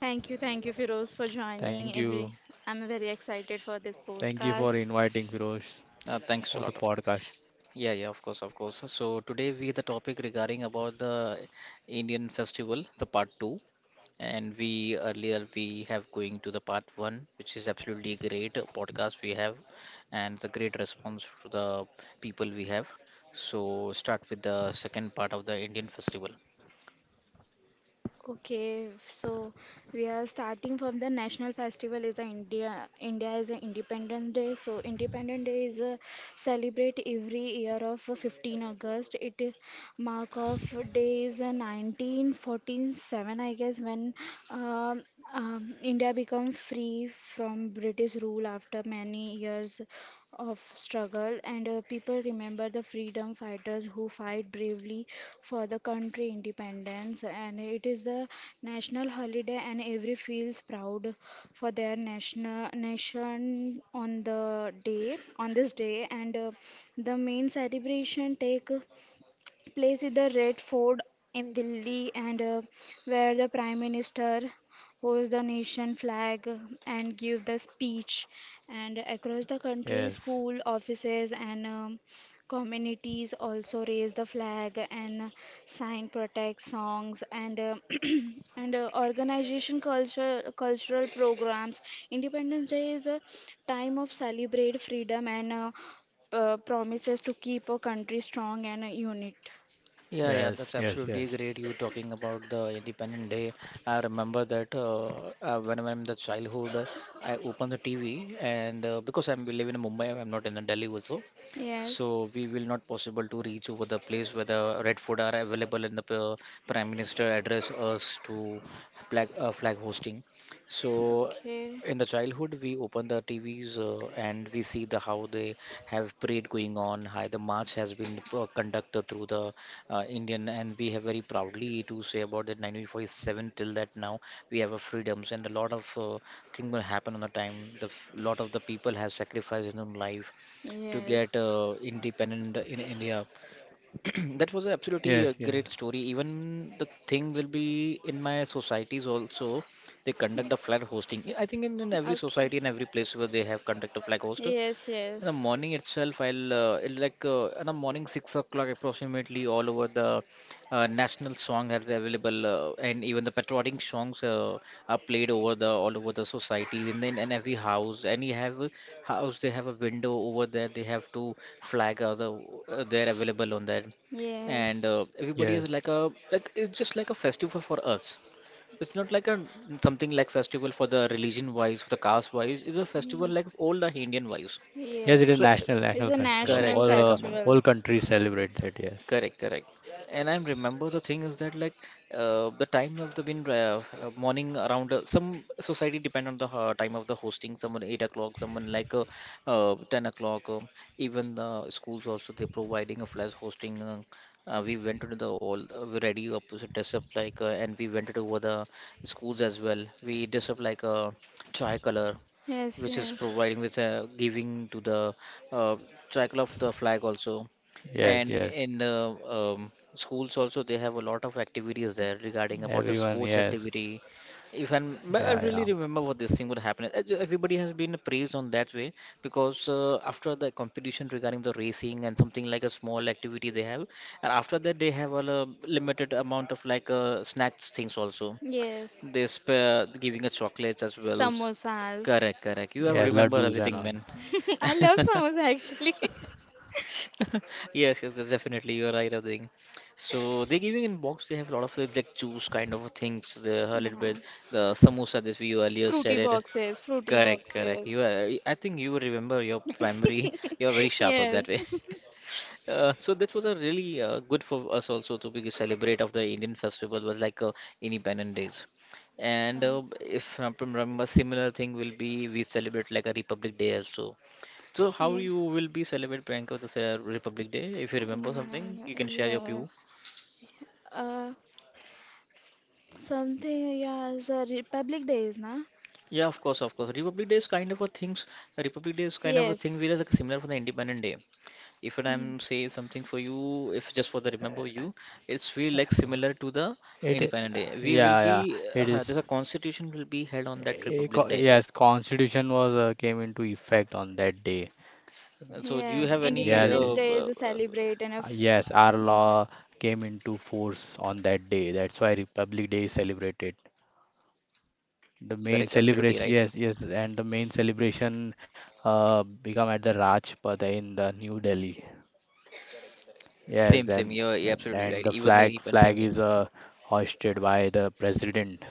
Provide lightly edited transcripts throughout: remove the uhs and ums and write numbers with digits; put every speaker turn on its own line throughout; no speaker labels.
Thank you, Firoz, for joining.
Thank you.
Every I'm very excited for this
Thank you for
podcast.
inviting Firoz
Thanks a
for the
lot.
podcast.
Yeah, yeah, of course, of course. So today we the topic regarding about the Indian festival, the part two, and we earlier we have going to the part one, which is absolutely great podcast we have, and the great response to the people we have. So start with the second part of the Indian festival.
Okay, so we are starting from the national festival is a India. India is an Independence Day. So Independence Day is celebrate every year of 15th August. It mark of days 1947 I guess when um, india became free from british rule after many years of struggle and people remember the freedom fighters who fight bravely for the country independence and it is the national holiday and every feels proud for their national nation on the day on this day and the main celebration take place is the Red Fort in Delhi, and where the Prime Minister holds the nation flag and give the speech. And across the country,
Yes.
school offices and communities also raise the flag and sign protest songs and and organization culture cultural programs. Independence Day is a time of celebrate freedom and promises to keep a country strong and a unit.
Yeah, yeah,
Yes.
that's
Yes. Yes.
absolutely great. You talking about the Independent Day. I remember that when I'm in the childhood, I opened the TV, and because I'm we live in Mumbai, I'm not in the Delhi also,
Yes.
so we will not possible to reach over the place where the red food are available and the Prime Minister address us to flag flag hosting. So
Okay.
in the childhood, we open the TVs and we see the how they have parade going on, how the march has been conducted through the Indian, and we have very proudly to say about that 1947 till that now we have a freedoms and a lot of thing will happen on the time. Lot of the people have sacrificed in their life to get
Yes.
independent in India. That was absolutely
Yes.
a
Yes.
great story. Even the thing will be in my societies also. They conduct a flag hosting. I think in every
Okay.
society and every place where they have conduct a flag host, in
Yes,
the
yes.
morning itself, I'll it like in the morning 6 o'clock approximately all over the national song are available, and even the patriotic songs are played over the all over the society, and then in every house, any have a house they have a window over there, they have to flag the they're available on that, and
Yes.
everybody
Yes.
is like a like it's just like a festival for us. It's not like a something like festival for the religion wise, for the caste wise. It's a festival
Yes.
like all the Indian wise.
Yes, it is
Yes.
So
national,
It's
national
a
festival.
correct,
national
All
correct,
uh,
Amol.
festival.
all countries celebrate that. Yes.
Correct, correct. And I remember the thing is that like the time of the been morning around some society depend on the time of the hosting. Someone 8 o'clock, someone like 10 o'clock. Even the schools also they providing a flash hosting. We went to the all we ready up so dress up like and we went to over the schools as well. We dress up like a chai color
Yes,
which is
yes.
providing with giving to the uh, tricolor of the flag also
Yes.
and
Yes.
in the schools also, they have a lot of activities there regarding about the
Everyone.
sports
Yes.
activity. If I'm, but I
Yeah.
really
Yeah.
remember what this thing would happen. Everybody has been praised on that way because after the competition regarding the racing and something like a small activity they have, and after that they have a limited amount of like snack things also.
Yes.
They spare giving us chocolates as well.
Samosas.
Correct, correct. You have
Yeah.
remember
Laddus and
everything,
all.
man.
I love samosa actually.
Yes, yes, that's definitely you're right, I think. So they're giving in box. They have a lot of like juice kind of things. The a little bit the samosa this we earlier
Fruity
said it.
boxes, fruity
Correct, correct. You
boxes.
are. I think you remember your primary. You're very sharp at that
Yes.
way. So that was a really good for us also to be celebrate of the Indian festival was like Independent Days. And if I remember, similar thing will be we celebrate like a Republic Day also. So how
Yeah.
you will be celebrate Priyanka this Republic Day? If you remember something, you can share your
Yeah,
view.
yes. Uh, something, yeah, the Republic Day is, na?
Yeah, of course, of course. Republic Day is kind of a things. Republic Day is kind of a
Yes.
thing which is like similar for the Independent Day. If
Mm.
I'm saying something for you, if just for the remember you, it's feel like similar to the
It.
Independent Day. We will
Yeah. Yeah.
be
It is.
there's a constitution will be held on that Republic Day.
Yes. Constitution was came into effect on that day.
So do you
Yes,
have any?
Yes.
Independence Day is a celebrate and a
Yes, our
yes, and-
law came into force on that day. That's why Republic Day is celebrated. The
Yes,
yes.
main
correct, absolutely
celebration,
right.
yes, yes, and the main celebration become at the Rajpath in the New Delhi. Yes,
Same, same.
then
You're
and
absolutely
and
right.
the
Even the
flag
Independent, same
flag
thing.
is hoisted by the president.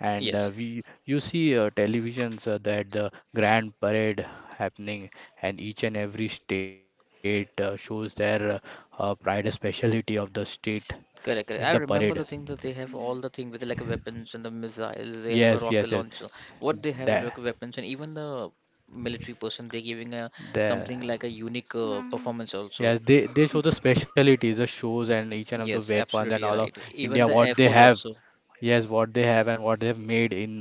And
Yes.
we you see televisions that the grand parade happening, and each and every state shows their pride and speciality of the state in the
Correct, correct. I
parade.
remember the thing that they have
Yeah.
all the thing with like weapons and the missiles. They
Yes,
have a
yes, yes.
rocket launcher. What they
The,
have like weapons and even the military person they're giving a
the
something like a unique
Ah.
performance also.
Yes, they show the specialties, the shows, and each and of the
Yes,
weapons and
absolutely
all of
right. Even
India
the Air
what they
Force
have.
also.
Yes, what they have, and what they have made in,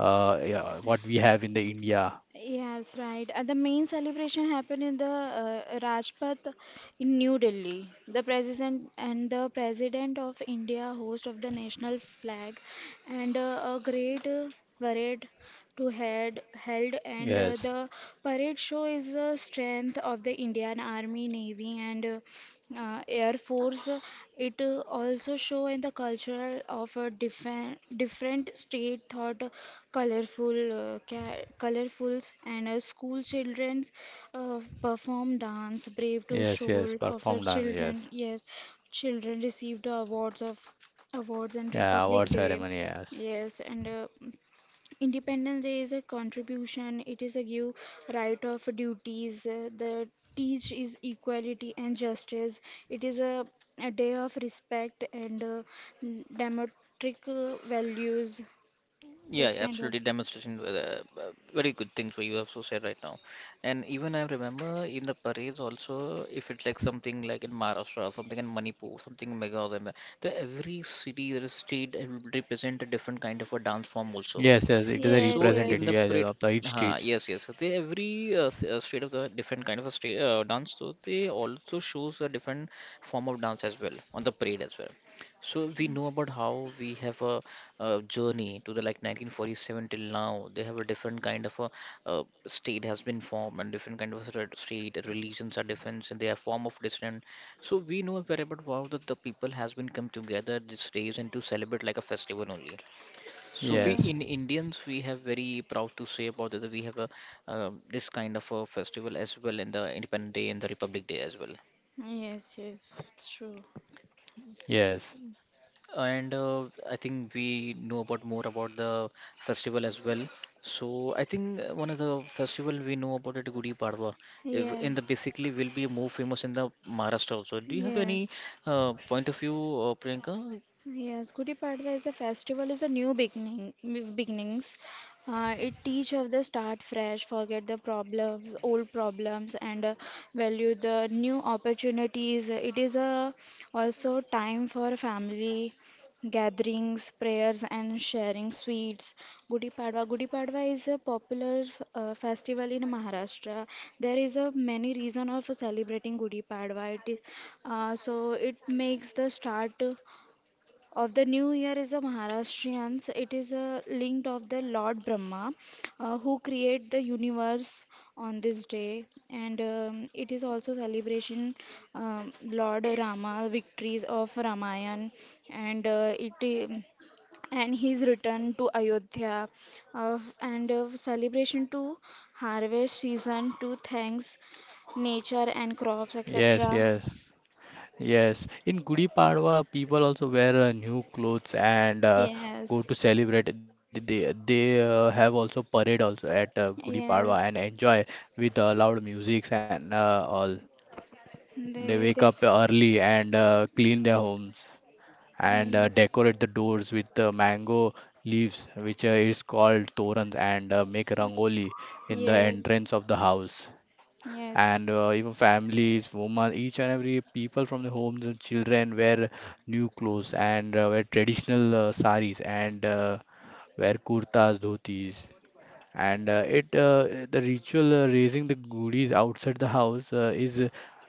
yeah, what we have in the India.
Yes, right. The main celebration happened in the Rajpath in New Delhi. The president and the president of India host of the national flag and a great parade to head held and
Yes,
the parade show is the strength of the Indian Army, Navy and Air Force. It also show in the cultural of a different different state thought, colorful colorfuls and school childrens uh, perform dance brave to show
yes, yes,
of their
perform dance,
children.
yes.
Yes, children received awards of awards and
Yeah,
Republic
award
Day.
ceremony, yes.
Yes, and Independence Day is a contribution, it is a give right of duties, the teach is equality and justice, it is a, a day of respect and democratic values,
Yeah,
that
yeah,
kind of.
absolutely. Demonstration, very good things what you have so said right now. And even I remember in the parades also, if it's like something like in Maharashtra, something in Manipur, something in Meghalaya, the every city, there is street will represent a different kind of a dance form also.
Yes, yes, it is a
Yes,
So in the
representative,
yes,
yes,
parade,
yes, of the each
huh,
stage.
yes, yes. So they every state of the different kind of a state dance. So they also shows a different form of dance as well on the parade as well. So we know about how we have a, journey to the like 1947 till now. They have a different kind of a state has been formed and different kind of a sort of state religions are different and they are form of different. So we know very about how the people has been come together these days and to celebrate like a festival only. Sophie, in
Yes,
yes,
Indians, we have very proud to say about that we have a this kind of a festival as well in the Independence Day and the Republic Day as well.
yes, yes, it's true.
yes,
And I think we know about more about the festival as well. So I think one of the festival we know about it, Gudi Padwa, if in the
Yes,
basically will be more famous in the Maharashtra also. Do you have
yes,
any point of view, Priyanka?
Yes, Gudi Padwa is a festival is a new beginnings. It teach of the start fresh, forget the problems, old problems, and value the new opportunities. It is a also time for family gatherings, prayers, and sharing sweets. Gudi Padwa. Gudi Padwa is a popular festival in Maharashtra. There is a many reason of celebrating Gudi Padwa. It is so it makes the start of the new year is a Maharashtrians. It is a linked of the Lord Brahma, who create the universe on this day, and it is also celebration Lord Rama victories of Ramayan, and uh, it i- and his return to Ayodhya, and celebration to harvest season to thanks nature and crops
yes,
etc.
yes, yes. In Gudi Padwa, people also wear new clothes and go
Yes,
to celebrate. They have also parade also at Gudi Padwa and
yes.
enjoy with loud music and all. They
They,
wake
they,
up early and clean their homes, and
Yes,
decorate the doors with mango leaves, which is called torans, and make rangoli in the
yes,
entrance of the house.
yes.
And even families, women, each and every people from the homes and children wear new clothes and wear traditional saris and wear kurtas, dhotis, and it the ritual raising the goodies outside the house is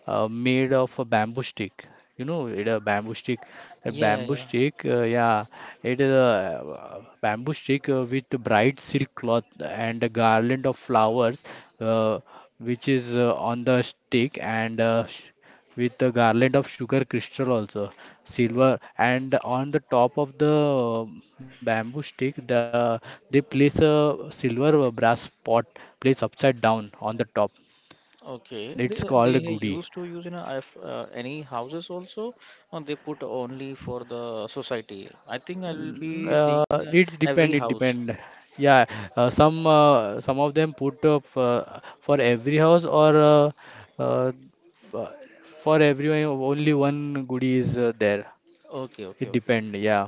made of a bamboo stick. You know it a bamboo stick, the
Yeah, yeah,
bamboo
yeah.
stick, yeah. It is a, bamboo stick with bright silk cloth and a garland of flowers, uh, which is on the stick, and with the garland of sugar crystal also, silver. And on the top of the bamboo stick, they place a silver brass pot, placed upside down on the top.
Okay,
It's called a goody.
used to use in a, if, any houses also, and they put only for the society. I think I will be seeing
It's
every
depend it
house.
depend yeah. Some of them put up, for every house, or uh, b- for everyone only one goody is there.
Okay, okay,
It
okay.
depend, yeah.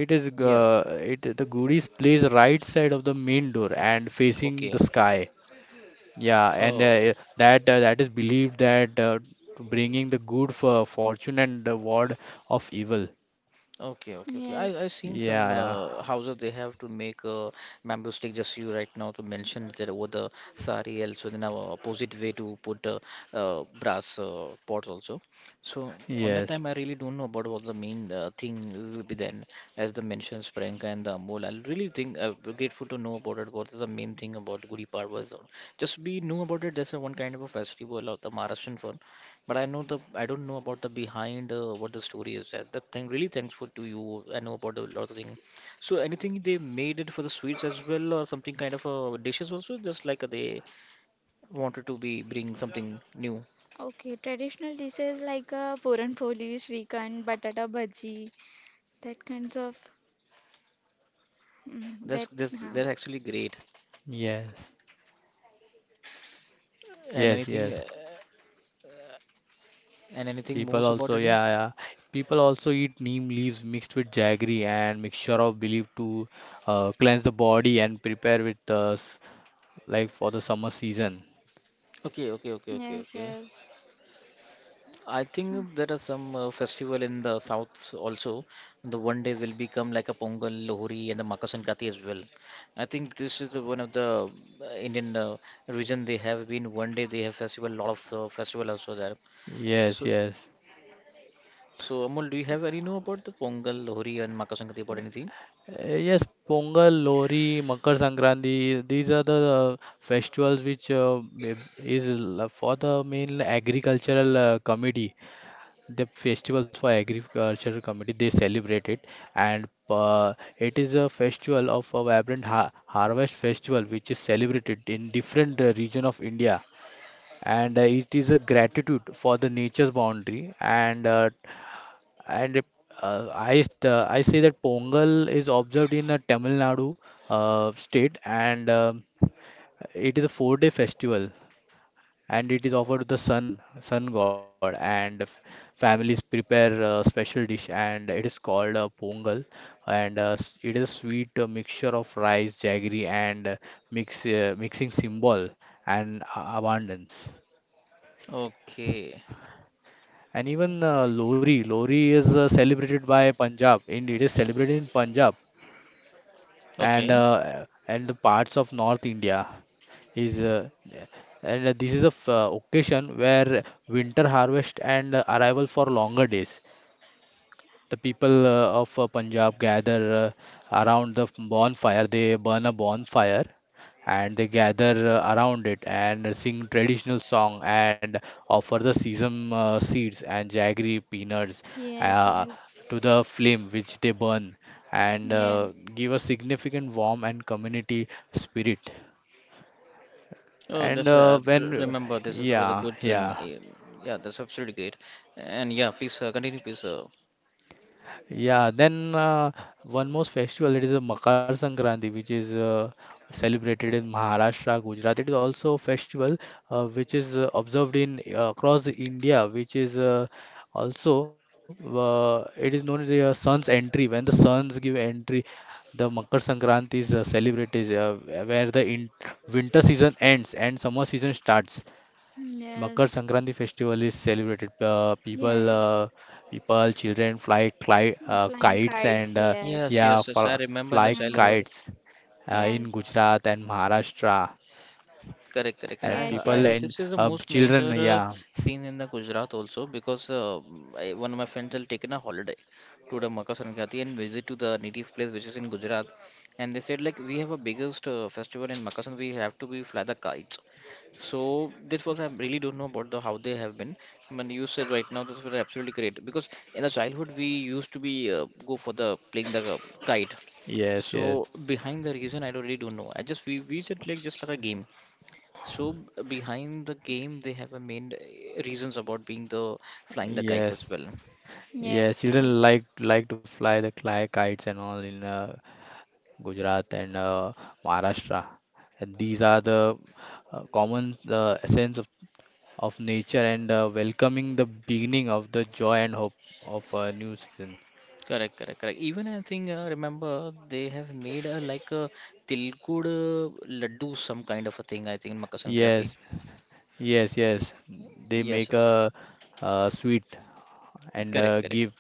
It is
Yeah,
it the goodies plays right side of the main door and facing the
okay.
sky. Yeah, and
Oh.
that that is believed that, to bringing the good for fortune and the ward of evil.
Okay, okay, okay. I
yes.
seen
Yeah,
some
yeah.
houses they have to make a bamboo stick. Just you right now to mention that over the sari else within our opposite way to put a, brass pot also. So on that
Yes,
time I really don't know about what the main thing will be then as the mentions Priyanka and the Amol. I really think we're grateful to know about it. What is the main thing about Gudi Padwa? Is all. Just we knew about it. That's a one kind of a festival of the Maharashtrian for. But I know the I don't know about the behind what the story is. That that thing really thankful to you. I know about a lot of thing. So anything they made it for the sweets as well, or something kind of dishes also. Just like they wanted to be bring something new.
Okay, traditional dishes like puran poli, shrikhand, batata bhaji, that kinds of mm, that. Huh.
That's actually great.
yes,
And
yes,
anything
yes.
uh, and anything
People
most about
also,
anything?
yeah, yeah. People also eat neem leaves mixed with jaggery and mixture of believed to cleanse the body and prepare with like for the summer season.
Okay, okay, okay, okay,
Yes,
okay.
yes.
I think there are some
So,
festival in the south also. The one day will become like a Pongal, Lohri, and the Makar Sankranti as well. I think this is the, one of the Indian region they have been one day they have festival, lot of festival also there.
Yes,
So,
yes.
so Amol, do you have any know about the Pongal, Lohri, and Makar Sankranti about anything?
Yes, Pongal, Lohri, Makar Sankranti, these are the festivals which for the main agricultural committee. The festivals for agricultural committee they celebrate it, and it is a festival of a vibrant ha harvest festival which is celebrated in different region of India, and it is a gratitude for the nature's boundary, and and it- I say that Pongal is observed in Tamil Nadu state, and it is a 4-day festival, and it is offered to the sun god, and families prepare a special dish and it is called Pongal, and it is a sweet mixture of rice, jaggery, and mixing symbol and abundance.
Okay.
And even Lori is celebrated by Punjab. Indeed, it is celebrated in Punjab, and
Okay.
and the parts of North India is, and this is a occasion where winter harvest and arrival for longer days. The people of Punjab gather around the bonfire. They burn a bonfire, and they gather around it and sing traditional song and offer the sesame seeds and jaggery peanuts,
yes,
uh,
yes,
to the flame which they burn, and
yes,
give a significant warmth and community spirit.
Oh,
And
that's remember this is the
yeah,
good thing.
yeah.
Eh, yeah, that's absolutely great. And yeah, please continue, please.
Yeah, then one more festival, it is a Makar Sankranti, which is celebrated in Maharashtra, Gujarat. It is also a festival which is observed in across the India, which is also it is known as the sun's entry. When the suns give entry, the Makar Sankranti is celebrated, where the in winter season ends and summer season starts. Makar
yes.
Sankranti festival is celebrated.
Yeah,
People, children fly cli
flying
kites,
kites.
and
Yes.
Yes,
yeah,
yes, yes.
fl
I remember in the
fly
Mm,
childhood.
kites in
yes.
Gujarat and Maharashtra.
Correct, correct, correct.
And
Yes,
people
yes,
and
This is the most
children,
major
yeah,
scene in the Gujarat also because I, one of my friends had taken a holiday to the Makar Sankranti and visit to the native place which is in Gujarat, and they said like we have a biggest festival in Makar Sankranti, we have to be fly the kites. So this was I really don't know about the how they have been. When you said right now this was absolutely great because in the childhood we used to be go for the playing the kite.
yes,
So
yes,
behind the reason I don't really don't know. I just we said like just like a game. So behind the game, they have a main reasons about being the flying the kite
yes,
as well.
yes.
yes,
Children
yes,
like to fly the cli kites and all in Gujarat and Maharashtra. And these are the common essence of nature, and welcoming the beginning of the joy and hope of a new season.
Correct, correct, correct. Even I think remember they have made a like a tilkud laddu, some kind of a thing. I think in Makassan Kati.
Yes, yes, yes. They
Yes,
make a, sweet, and
correct, correct.
give,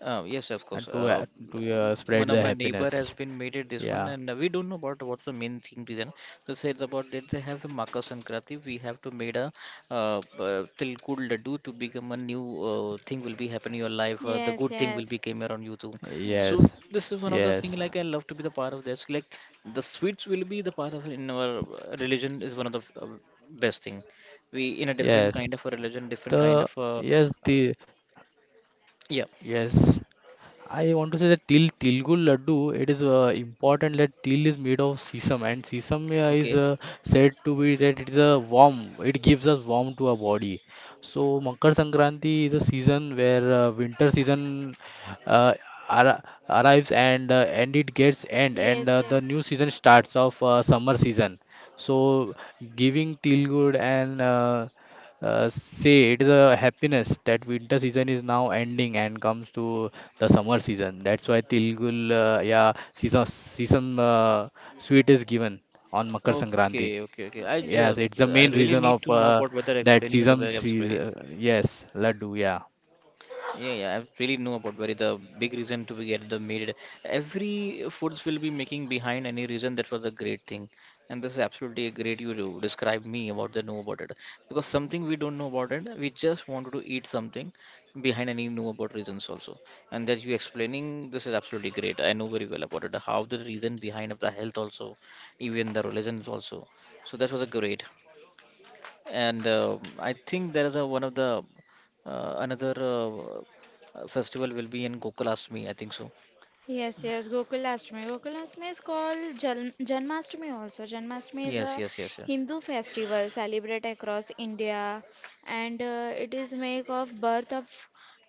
Yes, of course.
and to uh, to uh, spread
One of
the
my neighbor
happiness.
has been made it this one,
Yeah.
and we don't know about what's the main thing reason. They said about that they have a Makar Sankranti. We have to made a Tilkud Laddu to become a new thing will be happening in your life. The
yes,
good thing will
yes.
be came around you too.
Yeah.
Yes.
So this is one of the
Yes.
thing like I love to be the part of this. Like the sweets will be the part of in our religion is one of the best thing. We in a different kind
Yes.
of a religion, different kind
The
of
yes,
uh,
the
yeah.
yes. I want to say that til Tilgul laddu, it is important that til is made of sesame, and sesame is
Okay.
said to be that it is a warm, it gives us warm to our body. So Makar Sankranti is a season where winter season uh, arri- arrives, and and it gets end, and
Yes, yes.
the new season starts of summer season. So giving Tilgul and see, it is a happiness that winter season is now ending and comes to the summer season. That's why Tilgul, yeah, season sweet is given on Makar Sankranti.
Okay, okay, okay.
Okay, okay.
Yes, it's the
I
main
really
reason
need
of
to know about weather
that
explaining the
season.
weather
Se
spray.
Yes, laddu, yeah,
Yeah, yeah, I really know about very the big reason to be get the made. Every foods will be making behind any reason that was a great thing, and this is absolutely a great you to describe me about the know about it because something we don't know about it, we just wanted to eat something behind any know about reasons also, and that you explaining this is absolutely great. I know very well about it. How the reason behind of the health also, even the religions also. So that was a great. And I think there is a one of the another festival will be in Gokulashtami. I think so.
Yes, yes, Gokulashtami. Gokulashtami is called Janmashtami also. Janmashtami is
Yes,
a
yes, yes, yeah,
Hindu festival celebrated across India and it is make of birth of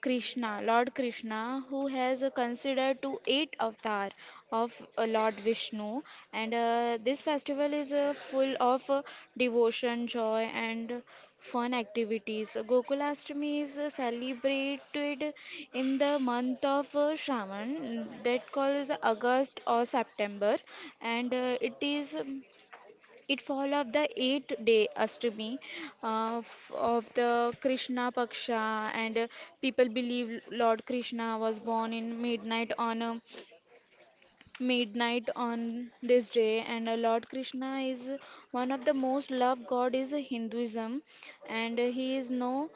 Krishna, Lord Krishna, who has considered to eight avatar of Lord Vishnu, and this festival is full of devotion, joy, and fun activities. Gokulashtami is celebrated in the month of Shravan, that calls August or September, and it is. It follows the 8 day Ashtami of, of the Krishna Paksha, and people believe Lord Krishna was born in midnight on this day. And Lord Krishna is one of the most loved god is Hinduism, and he is known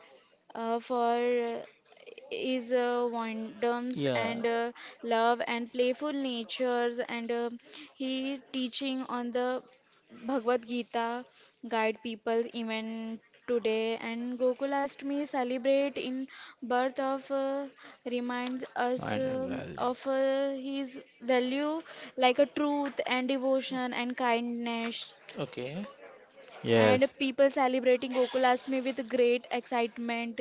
for is wonders
yeah,
and love and playful natures and he teaching on the Bhagavad Gita guide people even today and Gokulashtami celebrate in birth of reminds us
and
of his value like a truth and devotion and kindness
okay.
and
yes,
people celebrating Gokulashtami with great excitement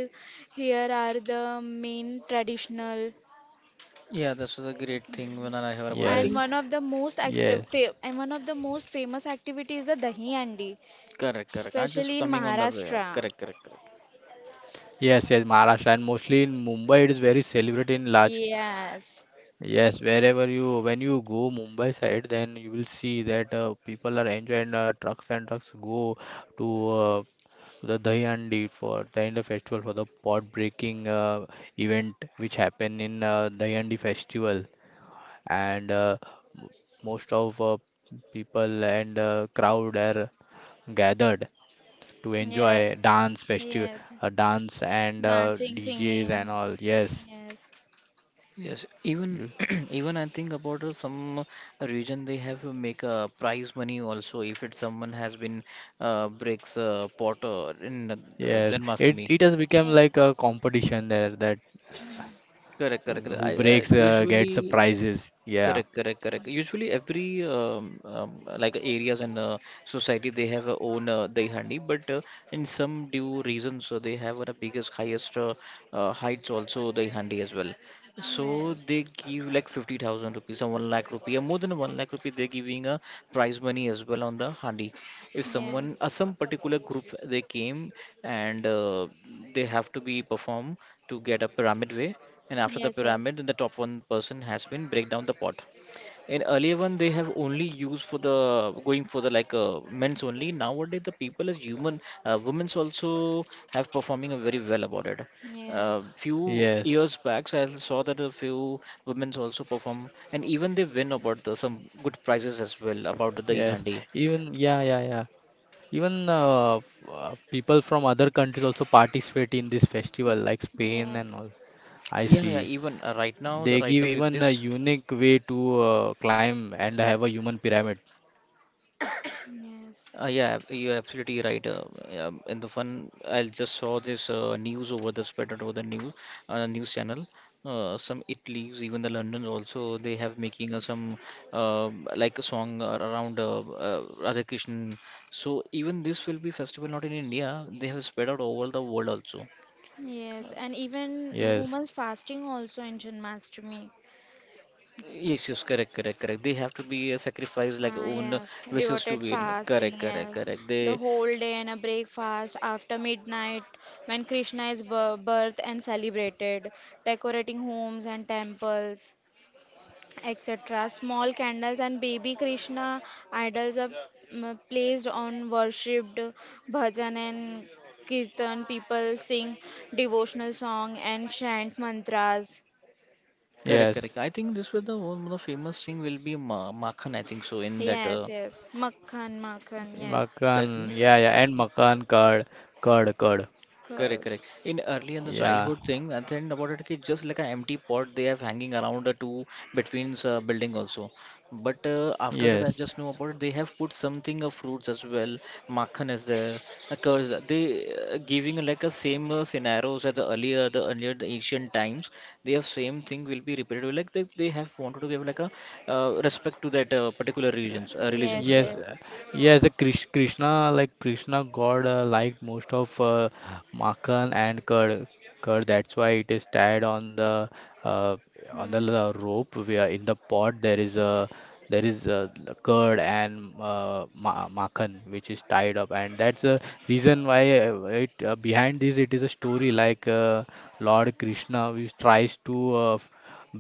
here are the main traditional
Yeah. This was a great thing when I heard
yes,
about. I
and
think
one of the most
yes.
and one of the most famous activity is the dahi handi
correct, correct. I'm
especially
just
in
coming on that way.
Maharashtra
Correct, correct, correct.
Yes, yes, Maharashtra, and mostly in Mumbai it is very celebrated in large.
Yes.
Yes, wherever you when you go Mumbai side, then you will see that people are enjoying trucks, and trucks go to to the Dahi Handi for during the festival, for the pot breaking event which happen in Dahi Handi festival, and m- most of people and crowd are gathered to enjoy
Yes.
dance festival,
Yes.
dance and
Dancing,
DJs and
singing.
all. Yes.
Yes.
Yes, even even I think about some region they have make a prize money also if it someone has been breaks pot in
Yes, it
Janmashtami.
it has become
Yes.
like a competition there that
Correct, correct, correct.
who
I
breaks gets the
usually
prizes. Yeah.
correct, correct, correct.
Yes.
Usually, every like areas and society they have a own Daihandi, but in some due reasons so they have the biggest, highest heights also Daihandi as well. So
Yes.
they give like 50,000 rupees or 1 lakh rupee, or more than 1 lakh rupee, they're giving a prize money as well on the handi. If someone, some particular group they came and they have to be perform to get a pyramid way and after the
Yes. Yes.
pyramid, then the top one person has been break down the pot. In earlier one, they have only used for the going for the like men's only. Nowadays, the people as human,
Yes.
women's also have performing a very well about it. Few
Yes.
years back, so I saw that a few women's also perform, and even they win about the, some good prizes as well about the
Yes.
Dahandi.
Even yeah, yeah, yeah. Even people from other countries also participate in this festival, like Spain
Yes,
and all. I
Yeah, yeah,
see.
even right now, the
They
right
give
now with
even a
this.
unique way to climb and have a human pyramid.
yes,
You're absolutely right. In the fun, I just saw this news over the spread over the news news channel. Some Italy's, even the London also, they have making some like a song around Radha Krishnan. So even this will be festival not in India. They have spread out over the world also.
yes, and even
Yes.
women's fasting also in Janmashtami.
Yes, yes, correct, correct, correct. They have to be sacrificed like
Ah,
own
yes,
wishes to
devoted
be in.
fasting,
Correct, correct,
yes.
correct.
The
They
whole day and a breakfast after midnight when Krishna is birth and celebrated, decorating homes and temples. etc. Small candles and baby Krishna idols are mm, placed on worshipped bhajan and kirtan. People sing devotional song and chant mantras.
correct, correct. I
Yes.
think this was the one, of the famous thing will be Makhan, I think so, in that,
Yes, yes. Makhan, makhan, yes.
Makan.
correct me?
Yeah, yeah. And Makan curd, curd.
Correct,
God.
correct. In early in the
Yeah.
childhood thing, and then about it, ki just like an empty pot they have hanging around the two between building also. But after that, I
Yes.
just know about it. They have put something of fruits as well. Makhan is there, a curds. They giving like a same scenarios as the earlier, the earlier the ancient times. They have same thing will be repeated. Like they have wanted to give like a respect to that particular regions, religions
Yes,
as
Yes,
well.
yes.
yes. The Krishna, like Krishna God, liked most of Makan and curd. Curd. That's why it is tied on the uh,
Hmm.
rope. Where in the pot there is a curd and ma Makan, which is tied up, and that's the reason why it behind this it is a story like Lord Krishna, which tries to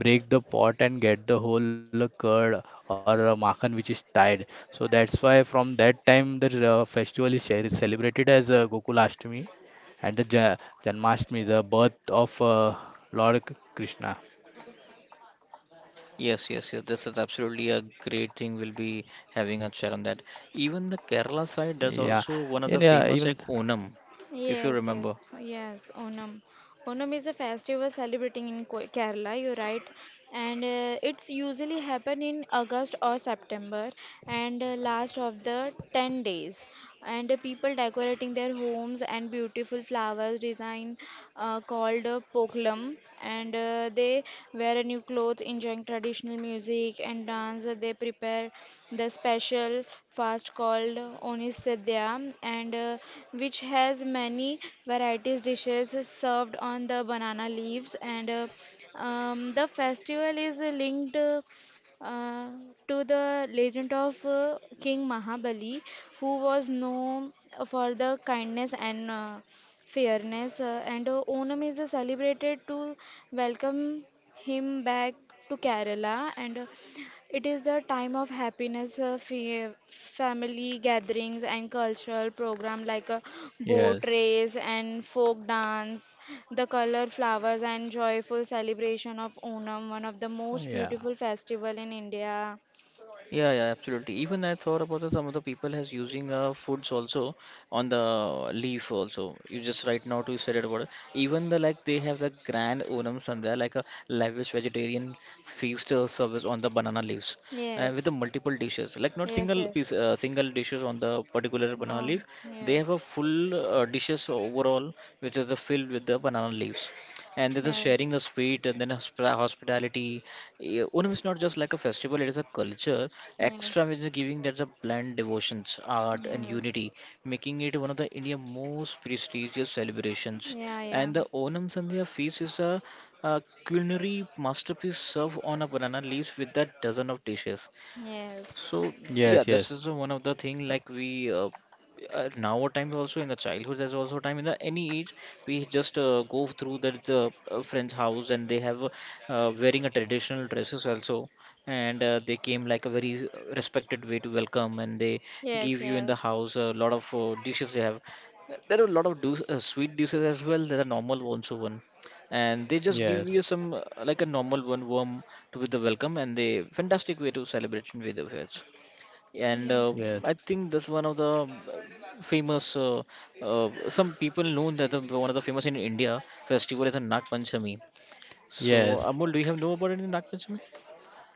break the pot and get the whole curd, or makhan which is tied. So that's why from that time the festival is celebrated as Gokulashtami and the Janmashtami, the birth of Lord Krishna.
Yes, yes, yes. This is absolutely a great thing. We'll be having a chat on that. Even the
Yeah,
Kerala
and
side, there's also
even
one of the famous like Onam, if you
Yes,
remember.
yes, yes. Onam. Onam is a festival celebrating in Kerala, you're right. And it's usually happen in August or September and last of the 10 days. And people decorating their homes and beautiful flowers design called home and they wear a new clothes, enjoying traditional music and dance. They prepare the special fast called Onisadya and which has many varieties dishes served on the banana leaves and the festival is linked uh, to the legend of King Mahabali, who was known for the kindness and fairness. And Onam is celebrated to welcome him back to Kerala, and it is the time of happiness, family gatherings, and cultural program like a boat
yes,
race and folk dance, the color flowers and joyful celebration of Onam, one of the most
yeah,
beautiful festival in India.
Yeah, yeah, absolutely. Even I thought about that some of the people has using foods also on the leaf also. You just right now to said it about it. Even the like they have the grand onums on there like a lavish vegetarian feast service on the banana leaves with the multiple dishes. Like not single piece, single dishes on the particular banana leaf. They have a full dishes overall which is the filled with the banana leaves and this is sharing the sweet and then hospitality. Eh, Onam is not just like a festival, it is a culture. Extra is giving that the blend devotions, art, and unity, making it one of the India's most prestigious celebrations.
Yeah,
And the Onam Sandhya feast is a culinary masterpiece served on a banana leaves with a dozen of dishes.
Yes.
So
yes,
yeah, this
yes,
is one of the thing like we now our time also in the childhood. There's also time in the any age we just go through the friend's house and they have wearing a traditional dresses also, and they came like a very respected way to welcome and they
Yes,
give you in the house a lot of dishes they have. There are a lot of do sweet dishes as well. There are normal ones one, and they just give
yes,
you some like a normal one worm to with the welcome and the fantastic way to celebration with the veg. And
yes,
I think that's one of the famous. Uh, some people know that the, one of the famous in India festival is a Nag Panchami. So
yes.
Amol, do you have know about any Nag Panchami?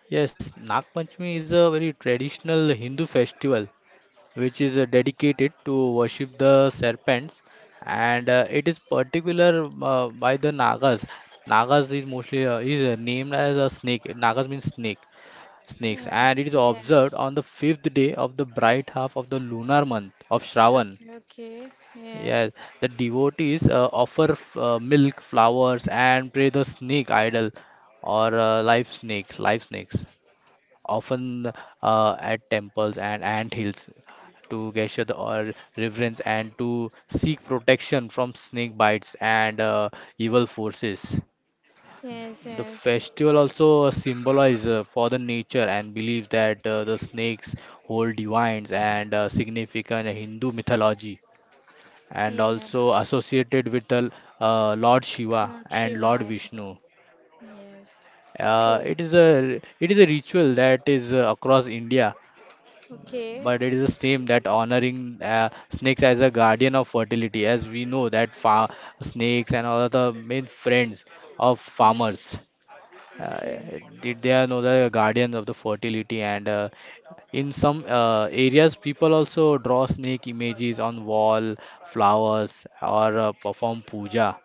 Yes, Nag Panchami is a very traditional Hindu festival which is dedicated to worship the serpents, and it is particular by the Nagas. Nagas is mostly, is named as a snake. Nagas means snake, snakes,
uh,
and it is
Yes.
observed
Yes.
on the fifth day of the bright half of the lunar month of Shravan.
Okay, okay. Yes.
Yes, the devotees offer milk, flowers, and pray the snake idol, or live snakes, often at temples and ant hills, to gesture the or reverence, and to seek protection from snake bites and evil forces.
Yes,
The
yes.
festival also symbolizes for the nature, and believe that the snakes hold divines and significant Hindu mythology, and
Yeah.
also associated with the Lord Shiva
Not
and Lord
Shivaya.
Vishnu.
Yes.
It
True.
is a, ritual that is across India,
Okay.
but it is a same, that honoring snakes as a guardian of fertility, as we know that fa snakes and all the main friends of farmers.
Yes. Okay.
Did they are know the guardians of the fertility. And in some areas, people also draw snake images on wall flowers, or perform puja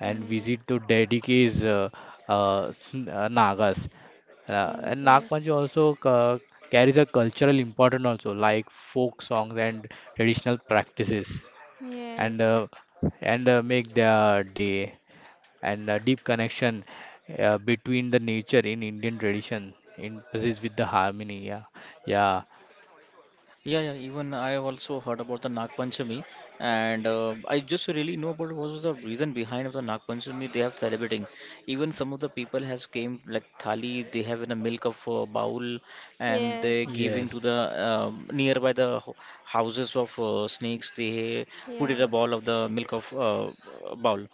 and visit to
Yeah.
Dediki's Nagas. And Nag
Yes,
Panchami
yes.
also carries a cultural importance also, like folk songs and traditional practices, and
Yes.
make their day, and a deep connection between the nature in Indian tradition in places with the harmony. Yeah, yeah,
Yeah, yeah, even I have also heard about the Nag Panchami, and I just really know about what was the reason behind of the Nag Panchami they have celebrating. Even some of the people has came like thali, they have in a milk of a bowl, and
Yes.
they
Yes.
yes,
giving to the nearby the houses of snakes. They put
Yeah.
in a
Yes.
ball of the milk of bowl,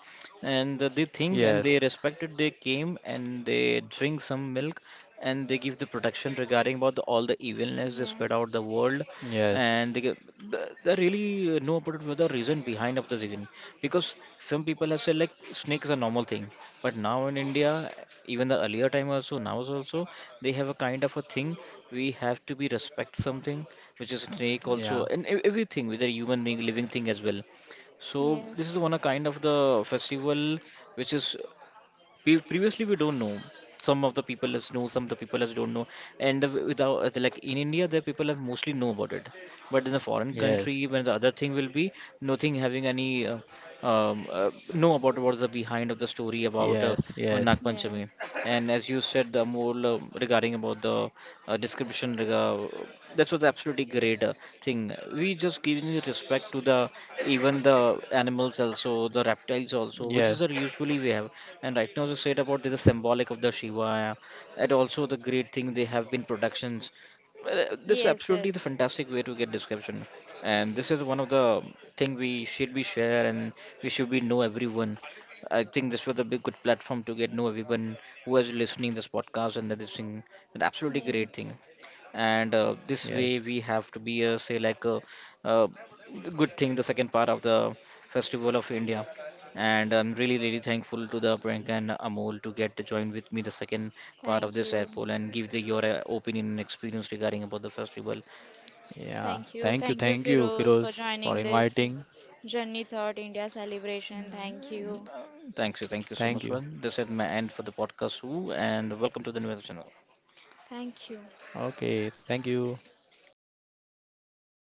and they think and
yes,
they respected. They came and they drink some milk, and they give the protection regarding about the, all the evilness they
Yes.
spread out the world
yes,
and they, get- they really know about what the reason behind of the reason because some people have said like snake is a normal thing, but now in India even the earlier time also now also they have a kind of a thing. We have to be respect something which is snake also
yeah,
and everything with a human being living thing as well. So this
Yes,
is one a kind of the festival which is we previously we don't know. Some of the people us know some of the people us don't know, and without like in India the people have mostly know about it, but in the foreign
yes,
country when the other thing will be nothing having any know about what's the behind of the story about
yes, yes,
Nag Panchami. And as you said the more regarding about the description that was absolutely great thing. We just giving the respect to the even the animals also the reptiles also
yes,
which is usually we have. And right now, as you said about the symbolic of the Shiva, and also the great thing they have been productions. This is absolutely the fantastic way to get description, and this is one of the thing we should be share and we should be know everyone. I
yes.
think this was a big good platform to get know everyone who is listening this podcast and that is thing, an absolutely great thing and this
yes.
way we have to be say like a, uh, uh, the good thing the second part of the festival of India, and I'm really, really thankful to the Prank and Amol to get to join with me the second part of this airpole and give the, your opinion and experience regarding about the festival.
Yeah,
Thank you. Thank you,
thank you,
Firoz, for
Firoz, for
joining this
inviting.
Journey Thought India celebration. Thank you.
Uh, Thanks you, thank you so
Thank
much.
you.
Well, this is my end for the podcast, Who, and welcome to the new channel.
Thank you.
Okay, thank you.